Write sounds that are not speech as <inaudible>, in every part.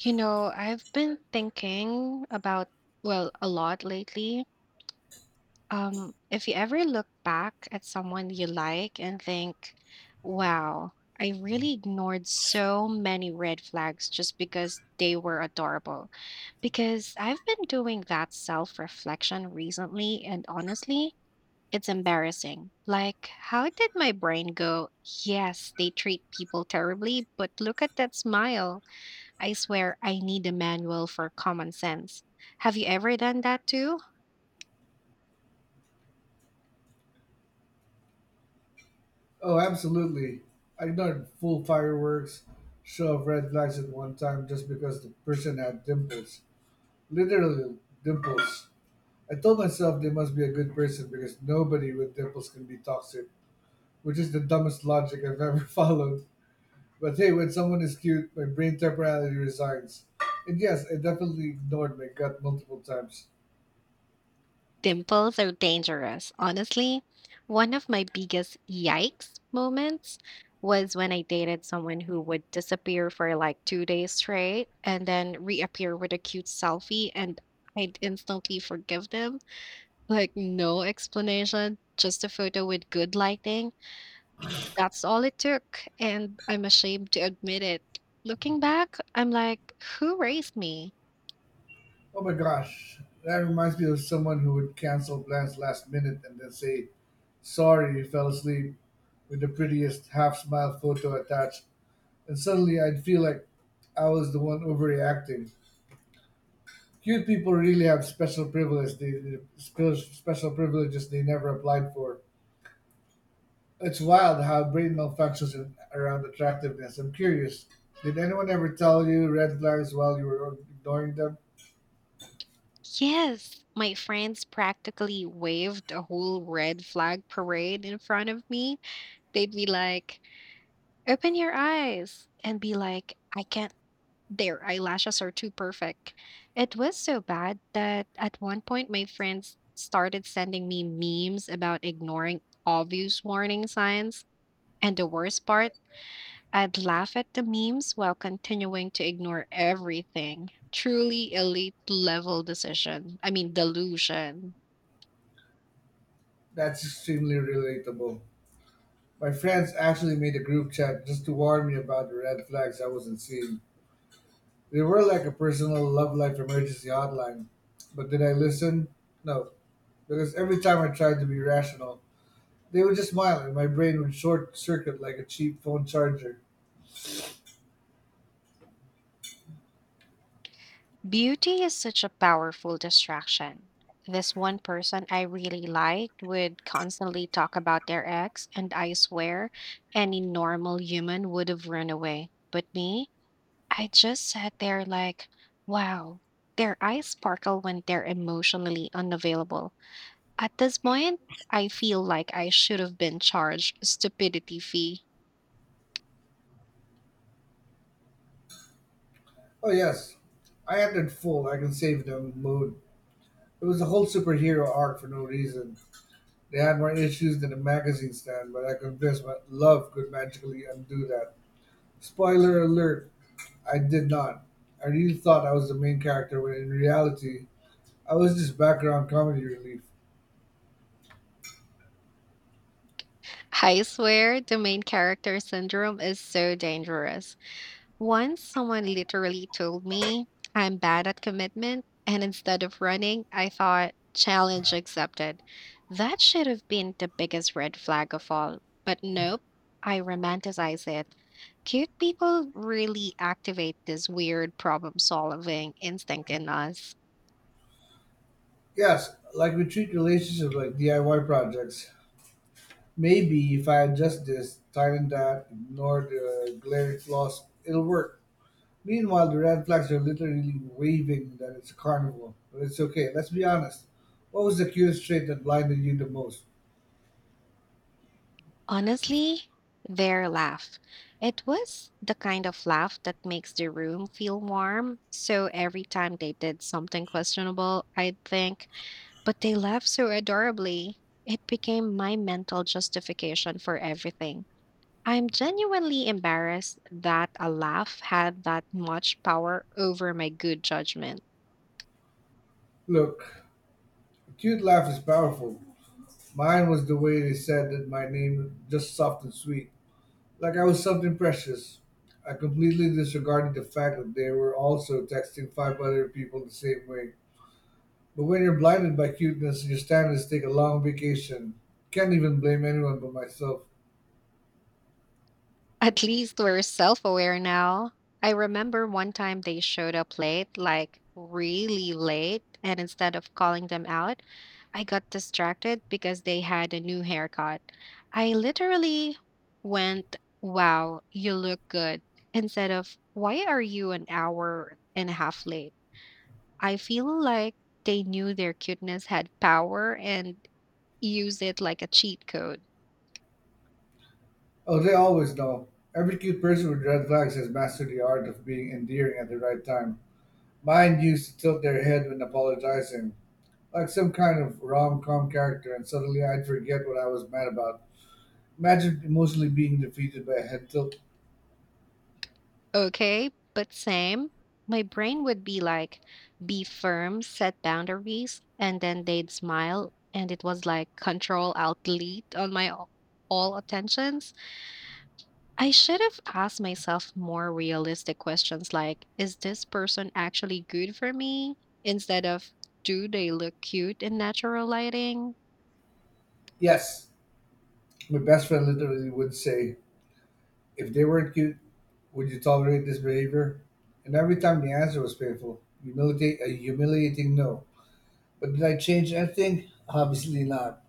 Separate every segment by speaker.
Speaker 1: You know, I've been thinking about, well, a lot lately. If you ever look back at someone you like and think, wow, I really ignored so many red flags just because they were adorable. Because I've been doing that self-reflection recently, and honestly, it's embarrassing. Like, how did my brain go, yes, they treat people terribly, but look at that smile I swear I need a manual for common sense. Have you ever done that too?
Speaker 2: Oh, absolutely. I ignored full fireworks show of red flags at one time just because the person had dimples. Literally dimples. I told myself they must be a good person because nobody with dimples can be toxic, which is the dumbest logic I've ever <laughs> followed. But hey, when someone is cute, my brain temporarily resigns. And yes, I definitely ignored my gut multiple times.
Speaker 1: Dimples are dangerous. Honestly, one of my biggest yikes moments was when I dated someone who would disappear for like 2 days straight and then reappear with a cute selfie, and I'd instantly forgive them. Like, no explanation, just a photo with good lighting. That's all it took, and I'm ashamed to admit it. Looking back, I'm like, who raised me?
Speaker 2: Oh my gosh, that reminds me of someone who would cancel plans last minute and then say, "Sorry you fell asleep," with the prettiest half smile photo attached, and suddenly I'd feel like I was the one overreacting. Cute people really have special privileges special privileges they never applied for. It's wild how brain malfunctions in, around attractiveness. I'm curious, did anyone ever tell you red flags while you were ignoring them?
Speaker 1: Yes, my friends practically waved a whole red flag parade in front of me. They'd be like, "Open your eyes," and be like, "I can't. Their eyelashes are too perfect." It was so bad that at one point my friends started sending me memes about ignoring obvious warning signs. And the worst part, I'd laugh at the memes while continuing to ignore everything. Truly elite level decision. I mean, delusion.
Speaker 2: That's extremely relatable. My friends actually made a group chat just to warn me about the red flags I wasn't seeing. They were like a personal love life emergency hotline. But did I listen? No, because every time I tried to be rational, they would just smile and my brain would short circuit like a cheap phone charger.
Speaker 1: Beauty is such a powerful distraction. This one person I really liked would constantly talk about their ex, and I swear any normal human would have run away. But me, I just sat there like, wow, their eyes sparkle when they're emotionally unavailable. At this point, I feel like I should have been charged a stupidity fee.
Speaker 2: Oh, yes, I entered full, I can save them mood. It was a whole superhero arc for no reason. They had more issues than a magazine stand, but I convinced my love could magically undo that. Spoiler alert, I did not. I really thought I was the main character when in reality, I was just background comedy relief.
Speaker 1: I swear the main character syndrome is so dangerous. Once someone literally told me I'm bad at commitment, and instead of running, I thought, challenge accepted. That should have been the biggest red flag of all. But nope, I romanticize it. Cute people really activate this weird problem solving instinct in us.
Speaker 2: Yes, like we treat relationships like DIY projects. Maybe if I adjust this, tighten that, ignore the glaring flaws, it'll work. Meanwhile, the red flags are literally waving that it's a carnival. But it's okay, let's be honest. What was the cutest trait that blinded you the most?
Speaker 1: Honestly, their laugh. It was the kind of laugh that makes the room feel warm. So every time they did something questionable, I'd think, but they laughed so adorably. It became my mental justification for everything. I'm genuinely embarrassed that a laugh had that much power over my good judgment.
Speaker 2: Look, a cute laugh is powerful. Mine was the way they said that my name, just soft and sweet. Like I was something precious. I completely disregarded the fact that they were also texting five other people the same way. But when you're blinded by cuteness, your standards take a long vacation. Can't even blame anyone but myself.
Speaker 1: At least we're self aware now. I remember one time they showed up late, like really late, and instead of calling them out, I got distracted because they had a new haircut. I literally went, wow, you look good, instead of why are you an hour and a half late? I feel like they knew their cuteness had power and used it like a cheat code.
Speaker 2: Oh, they always know. Every cute person with red flags has mastered the art of being endearing at the right time. Mine used to tilt their head when apologizing, like some kind of rom com character, and suddenly I'd forget what I was mad about. Imagine emotionally being defeated by a head tilt.
Speaker 1: Okay, but same. My brain would be like, be firm, set boundaries, and then they'd smile. And it was like control out, delete on my all attentions. I should have asked myself more realistic questions like, is this person actually good for me? Instead of, do they look cute in natural lighting?
Speaker 2: Yes, my best friend literally would say, if they weren't cute, would you tolerate this behavior? And every time the answer was painful, a humiliating no. But did I change anything? Obviously not.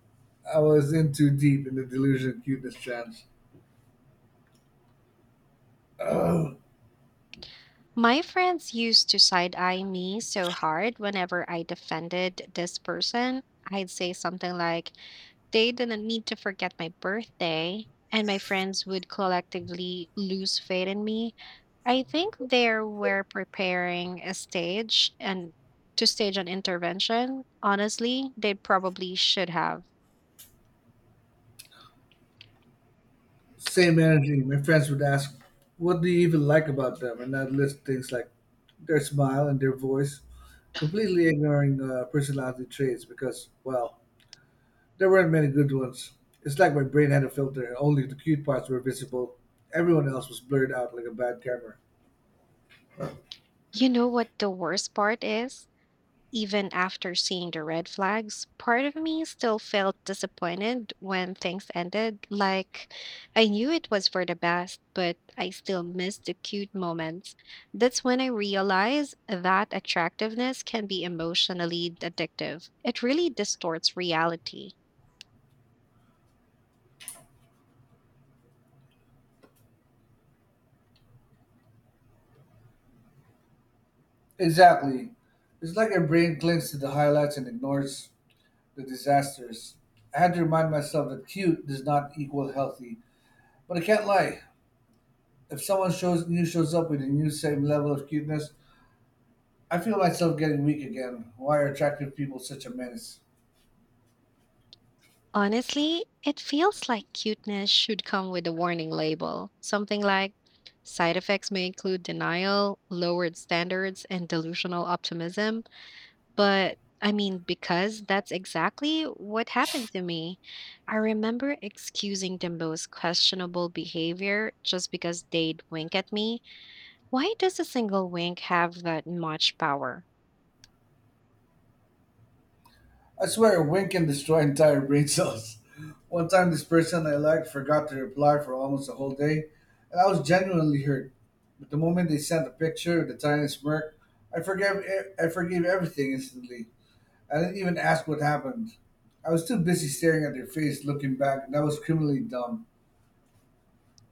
Speaker 2: I was in too deep in the delusion of cuteness chance. Ugh.
Speaker 1: My friends used to side eye me so hard whenever I defended this person. I'd say something like, they didn't need to forget my birthday, and my friends would collectively lose faith in me. I think they were preparing a stage and to stage an intervention. Honestly, they probably should have.
Speaker 2: Same energy. My friends would ask, what do you even like about them? And I'd list things like their smile and their voice, completely ignoring personality traits because, well, there weren't many good ones. It's like my brain had a filter and only the cute parts were visible. Everyone else was blurred out like a bad camera.
Speaker 1: You know what the worst part is? Even after seeing the red flags, part of me still felt disappointed when things ended. Like, I knew it was for the best, but I still missed the cute moments. That's when I realized that attractiveness can be emotionally addictive. It really distorts reality.
Speaker 2: Exactly. It's like your brain clings to the highlights and ignores the disasters. I had to remind myself that cute does not equal healthy. But I can't lie. If someone shows up with a new same level of cuteness, I feel myself getting weak again. Why are attractive people such a menace?
Speaker 1: Honestly, it feels like cuteness should come with a warning label, something like, side effects may include denial, lowered standards, and delusional optimism. But I mean, because that's exactly what happened to me. I remember excusing the most questionable behavior just because they'd wink at me. Why does a single wink have that much power?
Speaker 2: I swear a wink can destroy <laughs> entire brain cells. One time this person I liked forgot to reply for almost a whole day, and I was genuinely hurt. But the moment they sent a picture with a tiny smirk, I forgave I forgave everything instantly. I didn't even ask what happened. I was too busy staring at their face, looking back, and that was criminally dumb.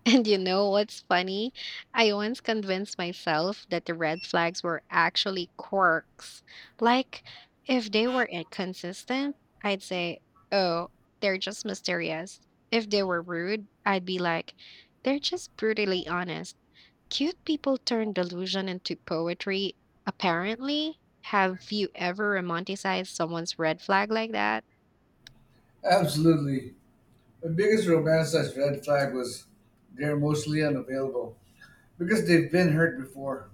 Speaker 1: And you know what's funny? I once convinced myself that the red flags were actually quirks. Like, if they were inconsistent, I'd say, oh, they're just mysterious. If they were rude, I'd be like, they're just brutally honest. Cute people turn delusion into poetry, apparently. Have you ever romanticized someone's red flag like that? <laughs>
Speaker 2: Absolutely. My biggest romanticized red flag was they're emotionally unavailable because they've been hurt before.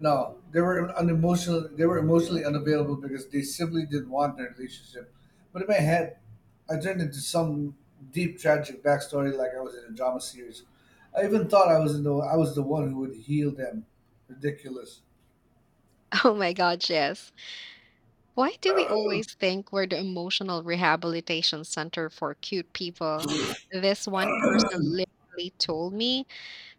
Speaker 2: No, they were unemotional. They were emotionally unavailable because they simply didn't want their relationship. But in my head, I turned into some deep tragic backstory, like I was in a drama series. I even thought I was the one who would heal them. Ridiculous.
Speaker 1: Oh my god, yes. Why do we always think we're the emotional rehabilitation center for cute people? This one person literally told me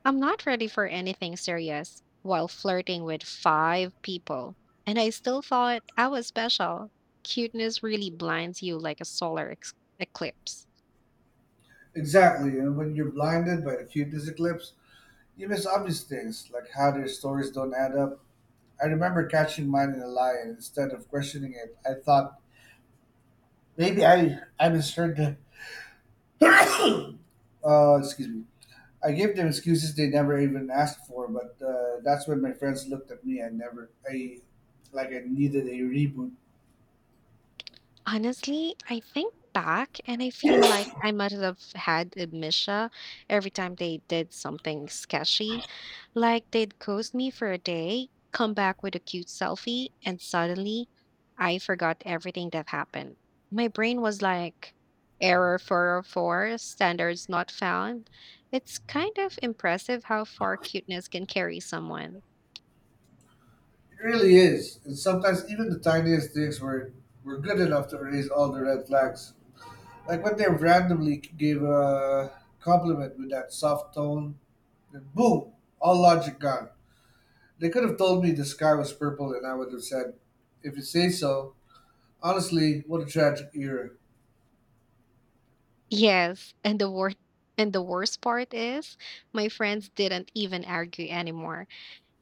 Speaker 1: I'm not ready for anything serious while flirting with 5 people. And I still thought I was special. Cuteness really blinds you like a eclipse.
Speaker 2: Exactly, and when you're blinded by the cutest eclipse, you miss obvious things like how their stories don't add up. I remember catching mine in a lie, and instead of questioning it, I thought maybe I misheard them. Excuse me. I gave them excuses they never even asked for, but that's when my friends looked at me. I never I Like I needed a reboot.
Speaker 1: Honestly, I think back and I feel like I must have had amnesia every time they did something sketchy. Like they'd ghost me for a day, come back with a cute selfie, and suddenly I forgot everything that happened. My brain was like, error 404, standards not found. It's kind of impressive how far cuteness can carry someone.
Speaker 2: It really is, and sometimes even the tiniest things were good enough to erase all the red flags. Like when they randomly gave a compliment with that soft tone, then boom, all logic gone. They could have told me the sky was purple and I would have said, if you say so. Honestly, what a tragic era.
Speaker 1: Yes, and the worst part is my friends didn't even argue anymore.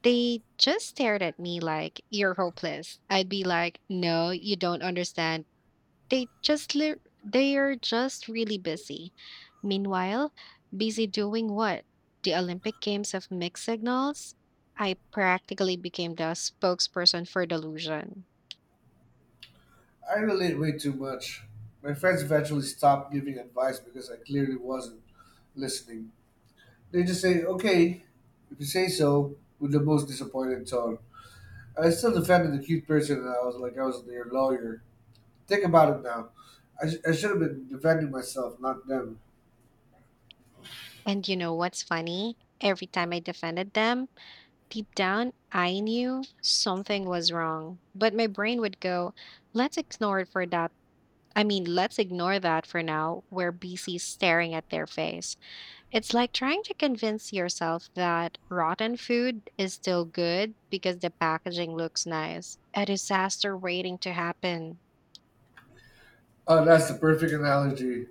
Speaker 1: They just stared at me like you're hopeless. I'd be like, "No, you don't understand." They just li they're just really busy. Meanwhile, busy doing what? The Olympic Games of Mixed Signals? I practically became the spokesperson for delusion.
Speaker 2: I relate way too much. My friends eventually stopped giving advice because I clearly wasn't listening. They just say, okay, if you say so, with the most disappointed tone. I still defended the cute person and I was their lawyer. Think about it now. I should have been defending myself, not them.
Speaker 1: And you know what's funny? Every time I defended them, deep down, I knew something was wrong, but my brain would go, let's ignore it for that. I mean, let's ignore that for now. We're busy staring at their face. It's like trying to convince yourself that rotten food is still good because the packaging looks nice. A disaster waiting to happen.
Speaker 2: Oh, that's the perfect analogy.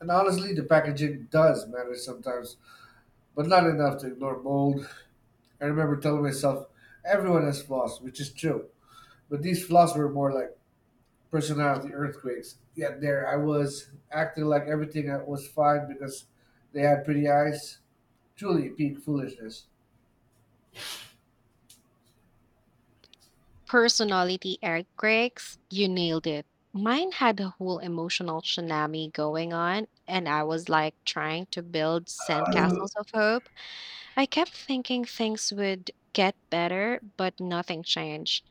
Speaker 2: And honestly, the packaging does matter sometimes, but not enough to ignore mold. I remember telling myself, everyone has flaws, which is true. But these flaws were more like personality earthquakes. Yet there I was, acting like everything was fine because they had pretty eyes. Truly peak foolishness.
Speaker 1: Personality earthquakes, you nailed it. Mine had a whole emotional tsunami going on, and I was like trying to build sandcastles of hope I kept thinking things would get better, but nothing changed.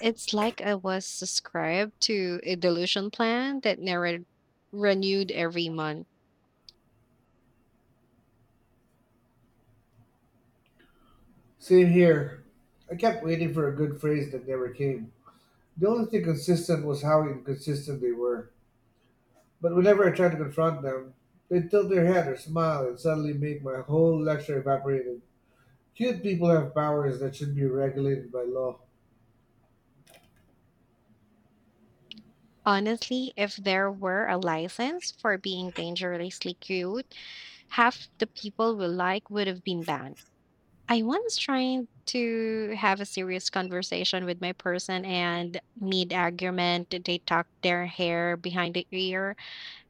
Speaker 1: It's like I was subscribed to a delusion plan that never renewed every month.
Speaker 2: Same here. I kept waiting for a good phrase that never came. The only thing consistent was how inconsistent they were. But whenever I tried to confront them, they'd tilt their head or smile and suddenly make my whole lecture evaporated. Cute people have powers that should be regulated by law.
Speaker 1: Honestly, if there were a license for being dangerously cute, half the people we like would have been banned. I once tried to have a serious conversation with my person and mid argument, they tucked their hair behind the ear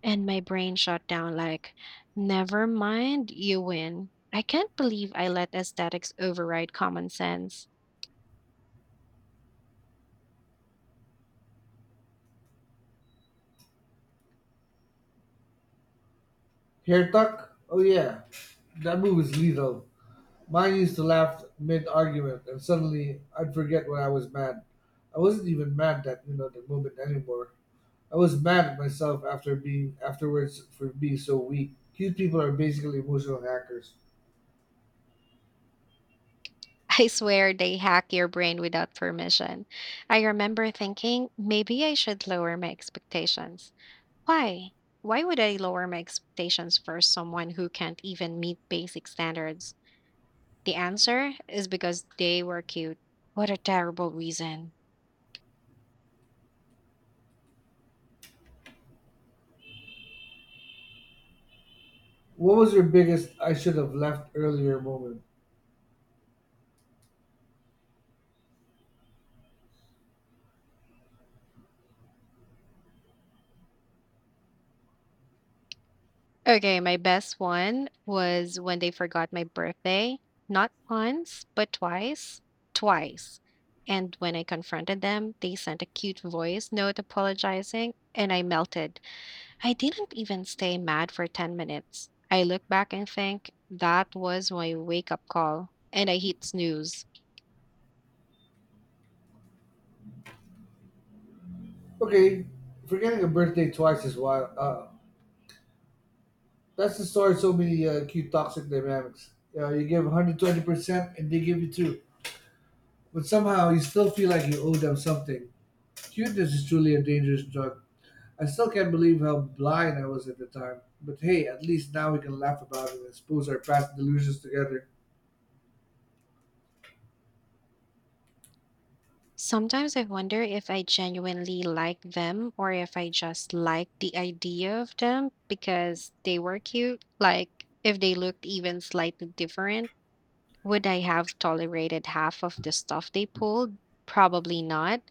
Speaker 1: and my brain shut down like, never mind, you win. I can't believe I let aesthetics override common sense.
Speaker 2: Hair tuck? Oh yeah, that move is lethal. Mine used to laugh mid argument, and suddenly I'd forget why I was mad. I wasn't even mad that you know the moment anymore. I was mad at myself after being afterwards for being so weak. Cute people are basically emotional hackers.
Speaker 1: <laughs> I swear they hack your brain without permission. I remember thinking maybe I should lower my expectations. Why? Why would I lower my expectations for someone who can't even meet basic standards? The answer is because they were cute. What a terrible reason.
Speaker 2: What was your biggest I should have left earlier moment?
Speaker 1: Okay, my best one was when they forgot my birthday, not once, but twice. Twice. And when I confronted them, they sent a cute voice note apologizing, and I melted. I didn't even stay mad for 10 minutes. I look back and think that was my wake up call, and I hit snooze.
Speaker 2: Okay, forgetting a birthday twice is wild. That's the story of so many cute toxic dynamics. You, know, you give 120% and they give you two. But somehow you still feel like you owe them something. Cuteness is truly a dangerous drug. I still can't believe how blind I was at the time. But hey, at least now we can laugh about it and expose our past delusions together.
Speaker 1: Sometimes I wonder if I genuinely like them or if I just like the idea of them because they were cute. Like, if they looked even slightly different, would I have tolerated half of the stuff they pulled? Probably not.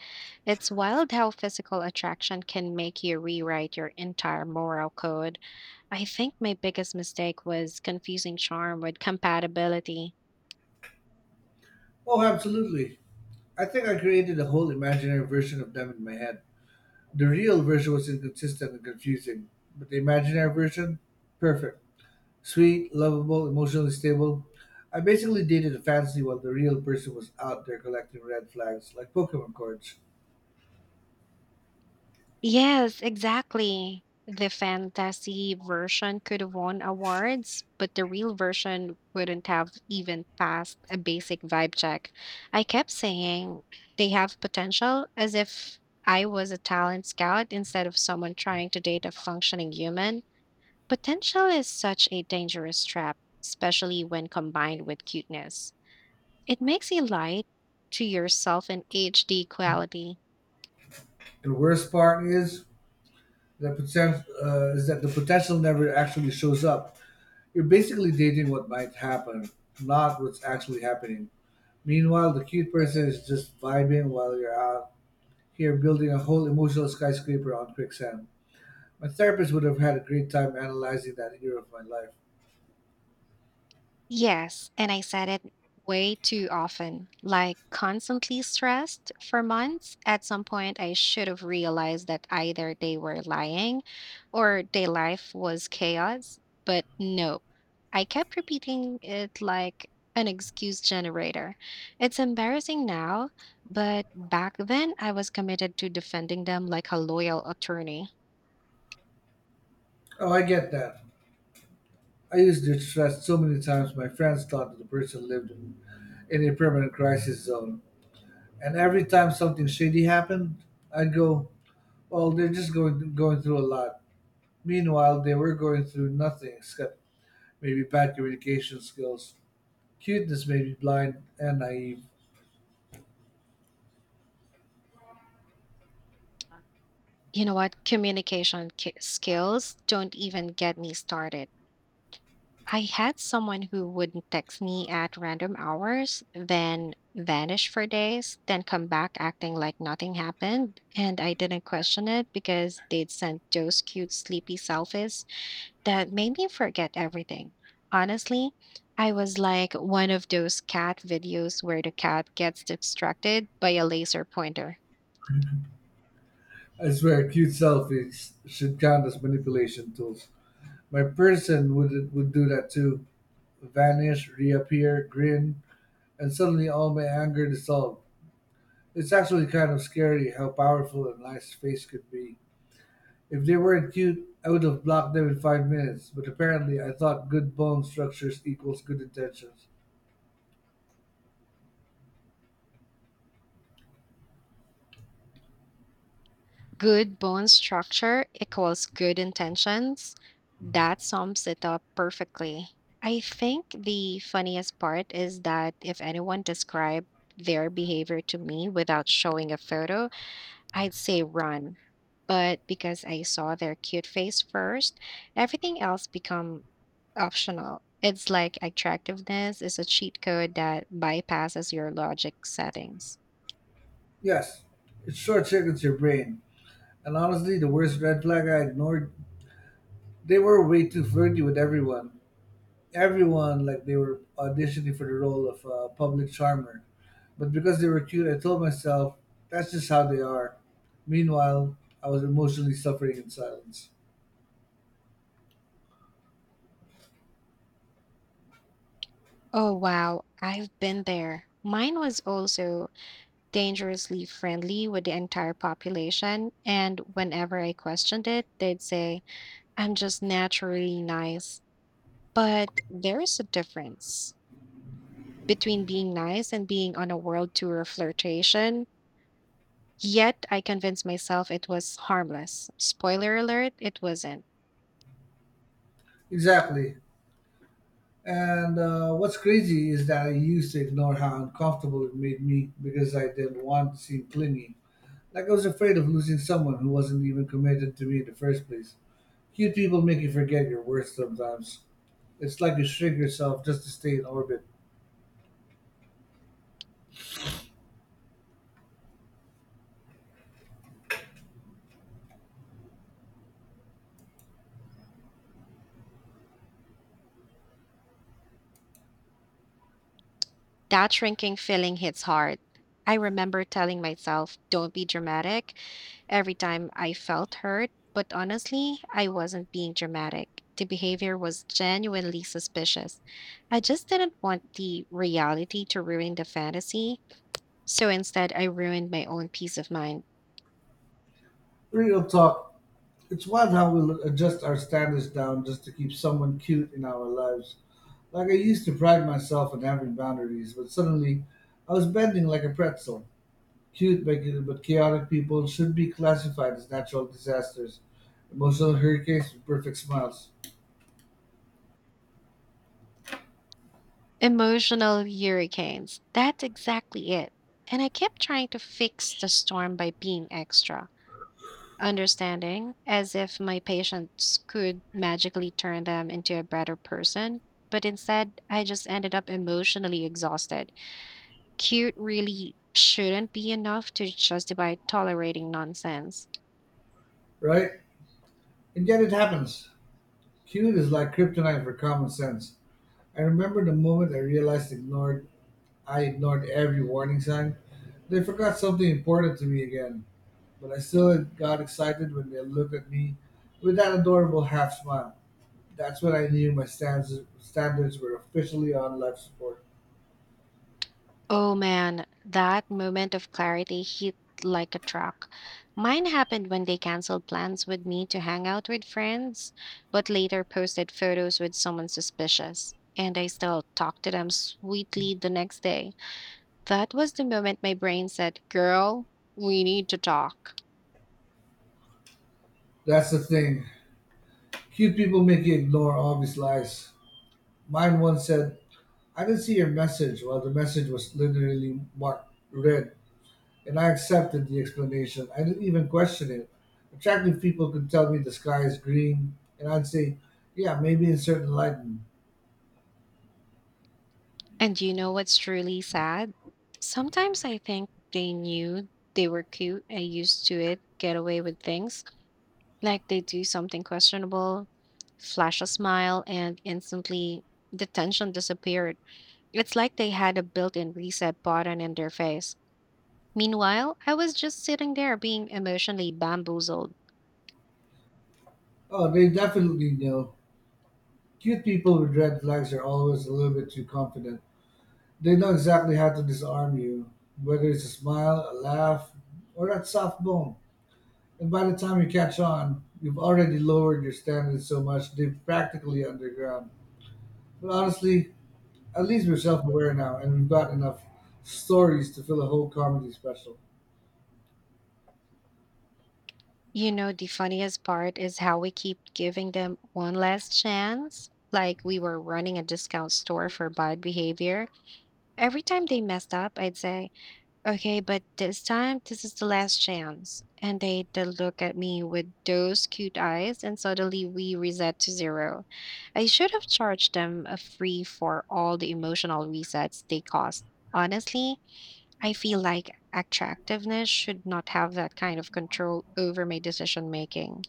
Speaker 1: It's wild how physical attraction can make you rewrite your entire moral code. I think my biggest mistake was confusing charm with compatibility.
Speaker 2: Oh, absolutely. I think I created a whole imaginary version of them in my head. The real version was inconsistent and confusing, but the imaginary version? Perfect. Sweet, lovable, emotionally stable. I basically dated a fantasy while the real person was out there collecting red flags like Pokemon cards.
Speaker 1: Yes, exactly. The fantasy version could have won awards, but the real version wouldn't have even passed a basic vibe check. I kept saying they have potential as if I was a talent scout instead of someone trying to date a functioning human. Potential is such a dangerous trap, especially when combined with cuteness. It makes you lie to yourself in HD quality.
Speaker 2: And worst part is is that the potential never actually shows up. You're basically dating what might happen, not what's actually happening. Meanwhile, the cute person is just vibing while you're out here building a whole emotional skyscraper on quicksand. My therapist would have had a great time analyzing that year of my life.
Speaker 1: Yes, and I said it way too often, like constantly stressed for months. At some point, I should have realized that either they were lying or their life was chaos, but no. I kept repeating it like an excuse generator. It's embarrassing now, but back then I was committed to defending them like a loyal attorney.
Speaker 2: Oh, I get that. I used to stress so many times my friends thought that the person lived in a permanent crisis zone. And every time something shady happened, I'd go, well, they're just going through a lot. Meanwhile, they were going through nothing except maybe bad communication skills. Cuteness made me blind and naive.
Speaker 1: You know what? Skills don't even get me started. I had someone who would text me at random hours, then vanish for days, then come back acting like nothing happened. And I didn't question it because they'd sent those cute sleepy selfies that made me forget everything. Honestly, I was like one of those cat videos where the cat gets distracted by a laser pointer.
Speaker 2: I swear, cute selfies should count as manipulation tools. My person would do that too. Vanish, reappear, grin, and suddenly all my anger dissolved. It's actually kind of scary how powerful a nice face could be. If they weren't cute, I would have blocked them in 5 minutes, but apparently I thought good bone structures equals good intentions.
Speaker 1: Good bone structure equals good intentions. That sums it up perfectly. I think the funniest part is that if anyone described their behavior to me without showing a photo, I'd say run. But because I saw their cute face first, everything else become optional. It's like attractiveness is a cheat code that bypasses your logic settings.
Speaker 2: Yes, it short circuits your brain. And honestly, the worst red flag I ignored, they were way too flirty with everyone. Everyone, like they were auditioning for the role of a public charmer. But because they were cute, I told myself, that's just how they are. Meanwhile, I was emotionally suffering in silence.
Speaker 1: Oh, wow. I've been there. Mine was also dangerously friendly with the entire population, and whenever I questioned it, they'd say, I'm just naturally nice. But there is a difference between being nice and being on a world tour of flirtation. Yet I convinced myself it was harmless. Spoiler alert, it wasn't.
Speaker 2: Exactly. And what's crazy is that I used to ignore how uncomfortable it made me because I didn't want to seem clingy. Like I was afraid of losing someone who wasn't even committed to me in the first place. Cute people make you forget your worth sometimes. It's like you shrink yourself just to stay in orbit.
Speaker 1: That shrinking feeling hits hard. I remember telling myself, don't be dramatic, every time I felt hurt, but honestly, I wasn't being dramatic. The behavior was genuinely suspicious. I just didn't want the reality to ruin the fantasy, so instead, I ruined my own peace of mind.
Speaker 2: Real talk. It's wild how we'll adjust our standards down just to keep someone cute in our lives. Like I used to pride myself on having boundaries, but suddenly I was bending like a pretzel. Cute But chaotic people should be classified as natural disasters, emotional hurricanes with perfect smiles,
Speaker 1: Emotional hurricanes. That's exactly it. And I kept trying to fix the storm by being extra, understanding, as if my patients could magically turn them into a better person. But instead, I just ended up emotionally exhausted. Cute really shouldn't be enough to justify tolerating nonsense.
Speaker 2: right? And yet it happens. Cute is like kryptonite for common sense. I remember the moment I ignored every warning sign. They forgot something important to me again, but I still got excited when they looked at me with that adorable half smile. That's when I knew my standards were officially on life support.
Speaker 1: Oh man, that moment of clarity hit like a truck. Mine happened when they canceled plans with me to hang out with friends, but later posted photos with someone suspicious. And I still talked to them sweetly the next day. That was the moment my brain said, "Girl, we need to talk."
Speaker 2: That's the thing. Cute people make you ignore obvious lies. Mine once said, I didn't see your message while the message was literally marked red, and I accepted the explanation. I didn't even question it. Attractive people could tell me the sky is green, and I'd say, yeah, maybe in certain lighting.
Speaker 1: And you know what's truly sad? Sometimes I think they knew they were cute and used to it, get away with things. Like they do something questionable, flash a smile, and instantly the tension disappeared. It's like they had a built in reset button in their face. Meanwhile, I was just sitting there being emotionally bamboozled.
Speaker 2: Oh, they definitely know. Cute people with red flags are always a little bit too confident. They know exactly how to disarm you, whether it's a smile, a laugh, or that soft bone. And by the time you catch on, you've already lowered your standards so much they're practically underground. But honestly, at least we're self aware now and we've got enough stories to fill a whole comedy special.
Speaker 1: You know, the funniest part is how we keep giving them one last chance, like we were running a discount store for bad behavior. Every time they messed up, I'd say, okay, but this time, this is the last chance. And they'd look at me with those cute eyes, and suddenly we reset to zero. I should have charged them a free for all the emotional resets they cost. Honestly, I feel like attractiveness should not have that kind of control over my decision making.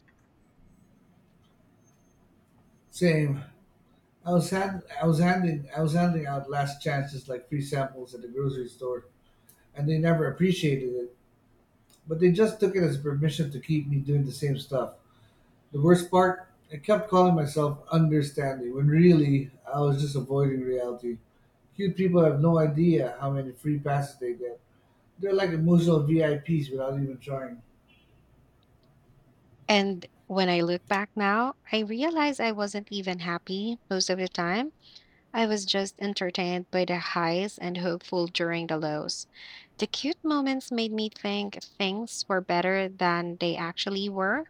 Speaker 2: Same. I was handing out last chances like free samples at the grocery store and they never appreciated it. But they just took it as permission to keep me doing the same stuff. The worst part? I kept calling myself understanding when really I was just avoiding reality. Cute people have no idea how many free passes they get. They're like emotional VIPs without even trying.
Speaker 1: And when I look back now, I realize I wasn't even happy most of the time. I was just entertained by the highs and hopeful during the lows. The cute moments made me think things were better than they actually were.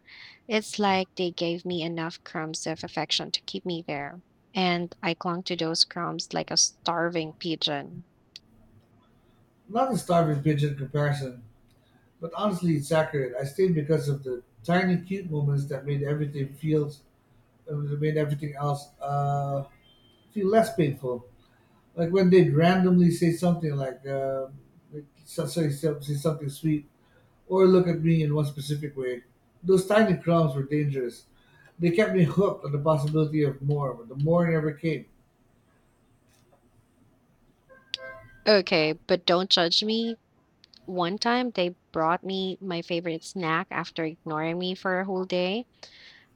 Speaker 1: It's like they gave me enough crumbs of affection to keep me there. And I clung to those crumbs like a starving pigeon.
Speaker 2: Not a starving pigeon comparison, but honestly, it's accurate. I stayed because of the tiny cute moments that made everything else feel less painful. Like when they'd randomly say something like, say something sweet or look at me in one specific way. Those tiny crumbs were dangerous. They kept me hooked on the possibility of more, but the more never came.
Speaker 1: Okay, but don't judge me. One time they brought me my favorite snack after ignoring me for a whole day.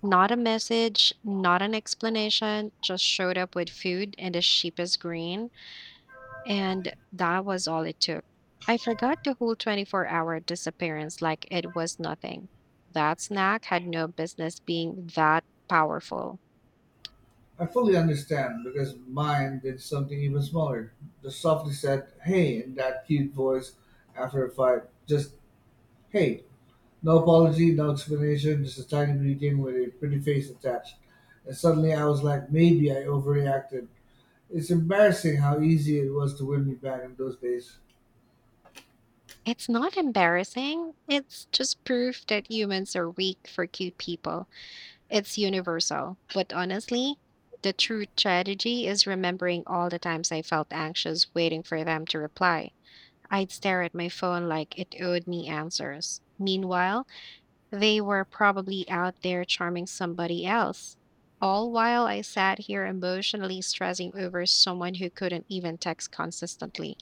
Speaker 1: Not a message, not an explanation, just showed up with food and a cheapest green, and that was all it took. I forgot the whole 24-hour disappearance like it was nothing. That snack had no business being that powerful.
Speaker 2: I fully understand because mine did something even smaller. Just softly said, hey, in that cute voice after a fight. Just, hey. No apology, no explanation, just a tiny greeting with a pretty face attached. And suddenly I was like, maybe I overreacted. It's embarrassing how easy it was to win me back in those days.
Speaker 1: It's not embarrassing. It's just proof that humans are weak for cute people. It's universal. But honestly, the true tragedy is remembering all the times I felt anxious waiting for them to reply. I'd stare at my phone like it owed me answers. Meanwhile, they were probably out there charming somebody else. All while I sat here emotionally stressing over someone who couldn't even text consistently.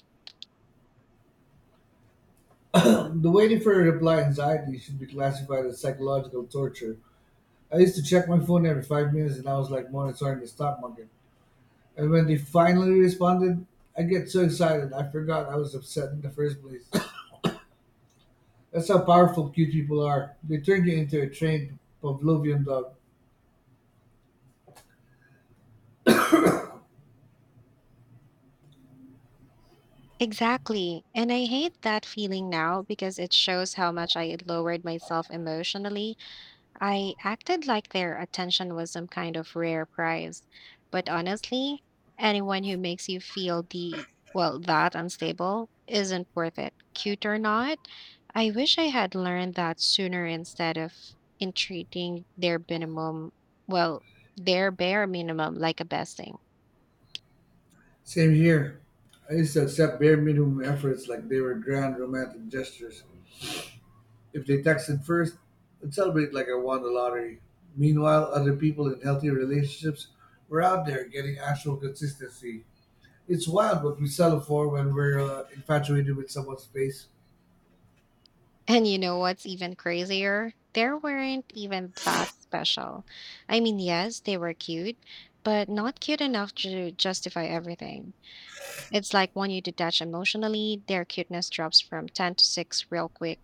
Speaker 2: The waiting for a reply anxiety should be classified as psychological torture. I used to check my phone every 5 minutes and I was like monitoring the stock market. And when they finally responded, I get so excited I forgot I was upset in the first place. That's how powerful cute people are. They turn you into a trained Pavlovian dog.
Speaker 1: Exactly. And I hate that feeling now because it shows how much I had lowered myself emotionally. I acted like their attention was some kind of rare prize. But honestly, anyone who makes you feel the, well, that unstable isn't worth it. Cute or not, I wish I had learned that sooner instead of entreating their minimum, well, their bare minimum like a besting.
Speaker 2: Same here. I used to accept bare minimum efforts like they were grand romantic gestures. If they texted first, I'd celebrate like I won the lottery. Meanwhile, other people in healthy relationships were out there getting actual consistency. It's wild what we settle for when we're infatuated with someone's face.
Speaker 1: And you know what's even crazier? They weren't even that special. I mean, yes, they were cute, but not cute enough to justify everything. It's like when you detach emotionally, their cuteness drops from 10 to 6 real quick.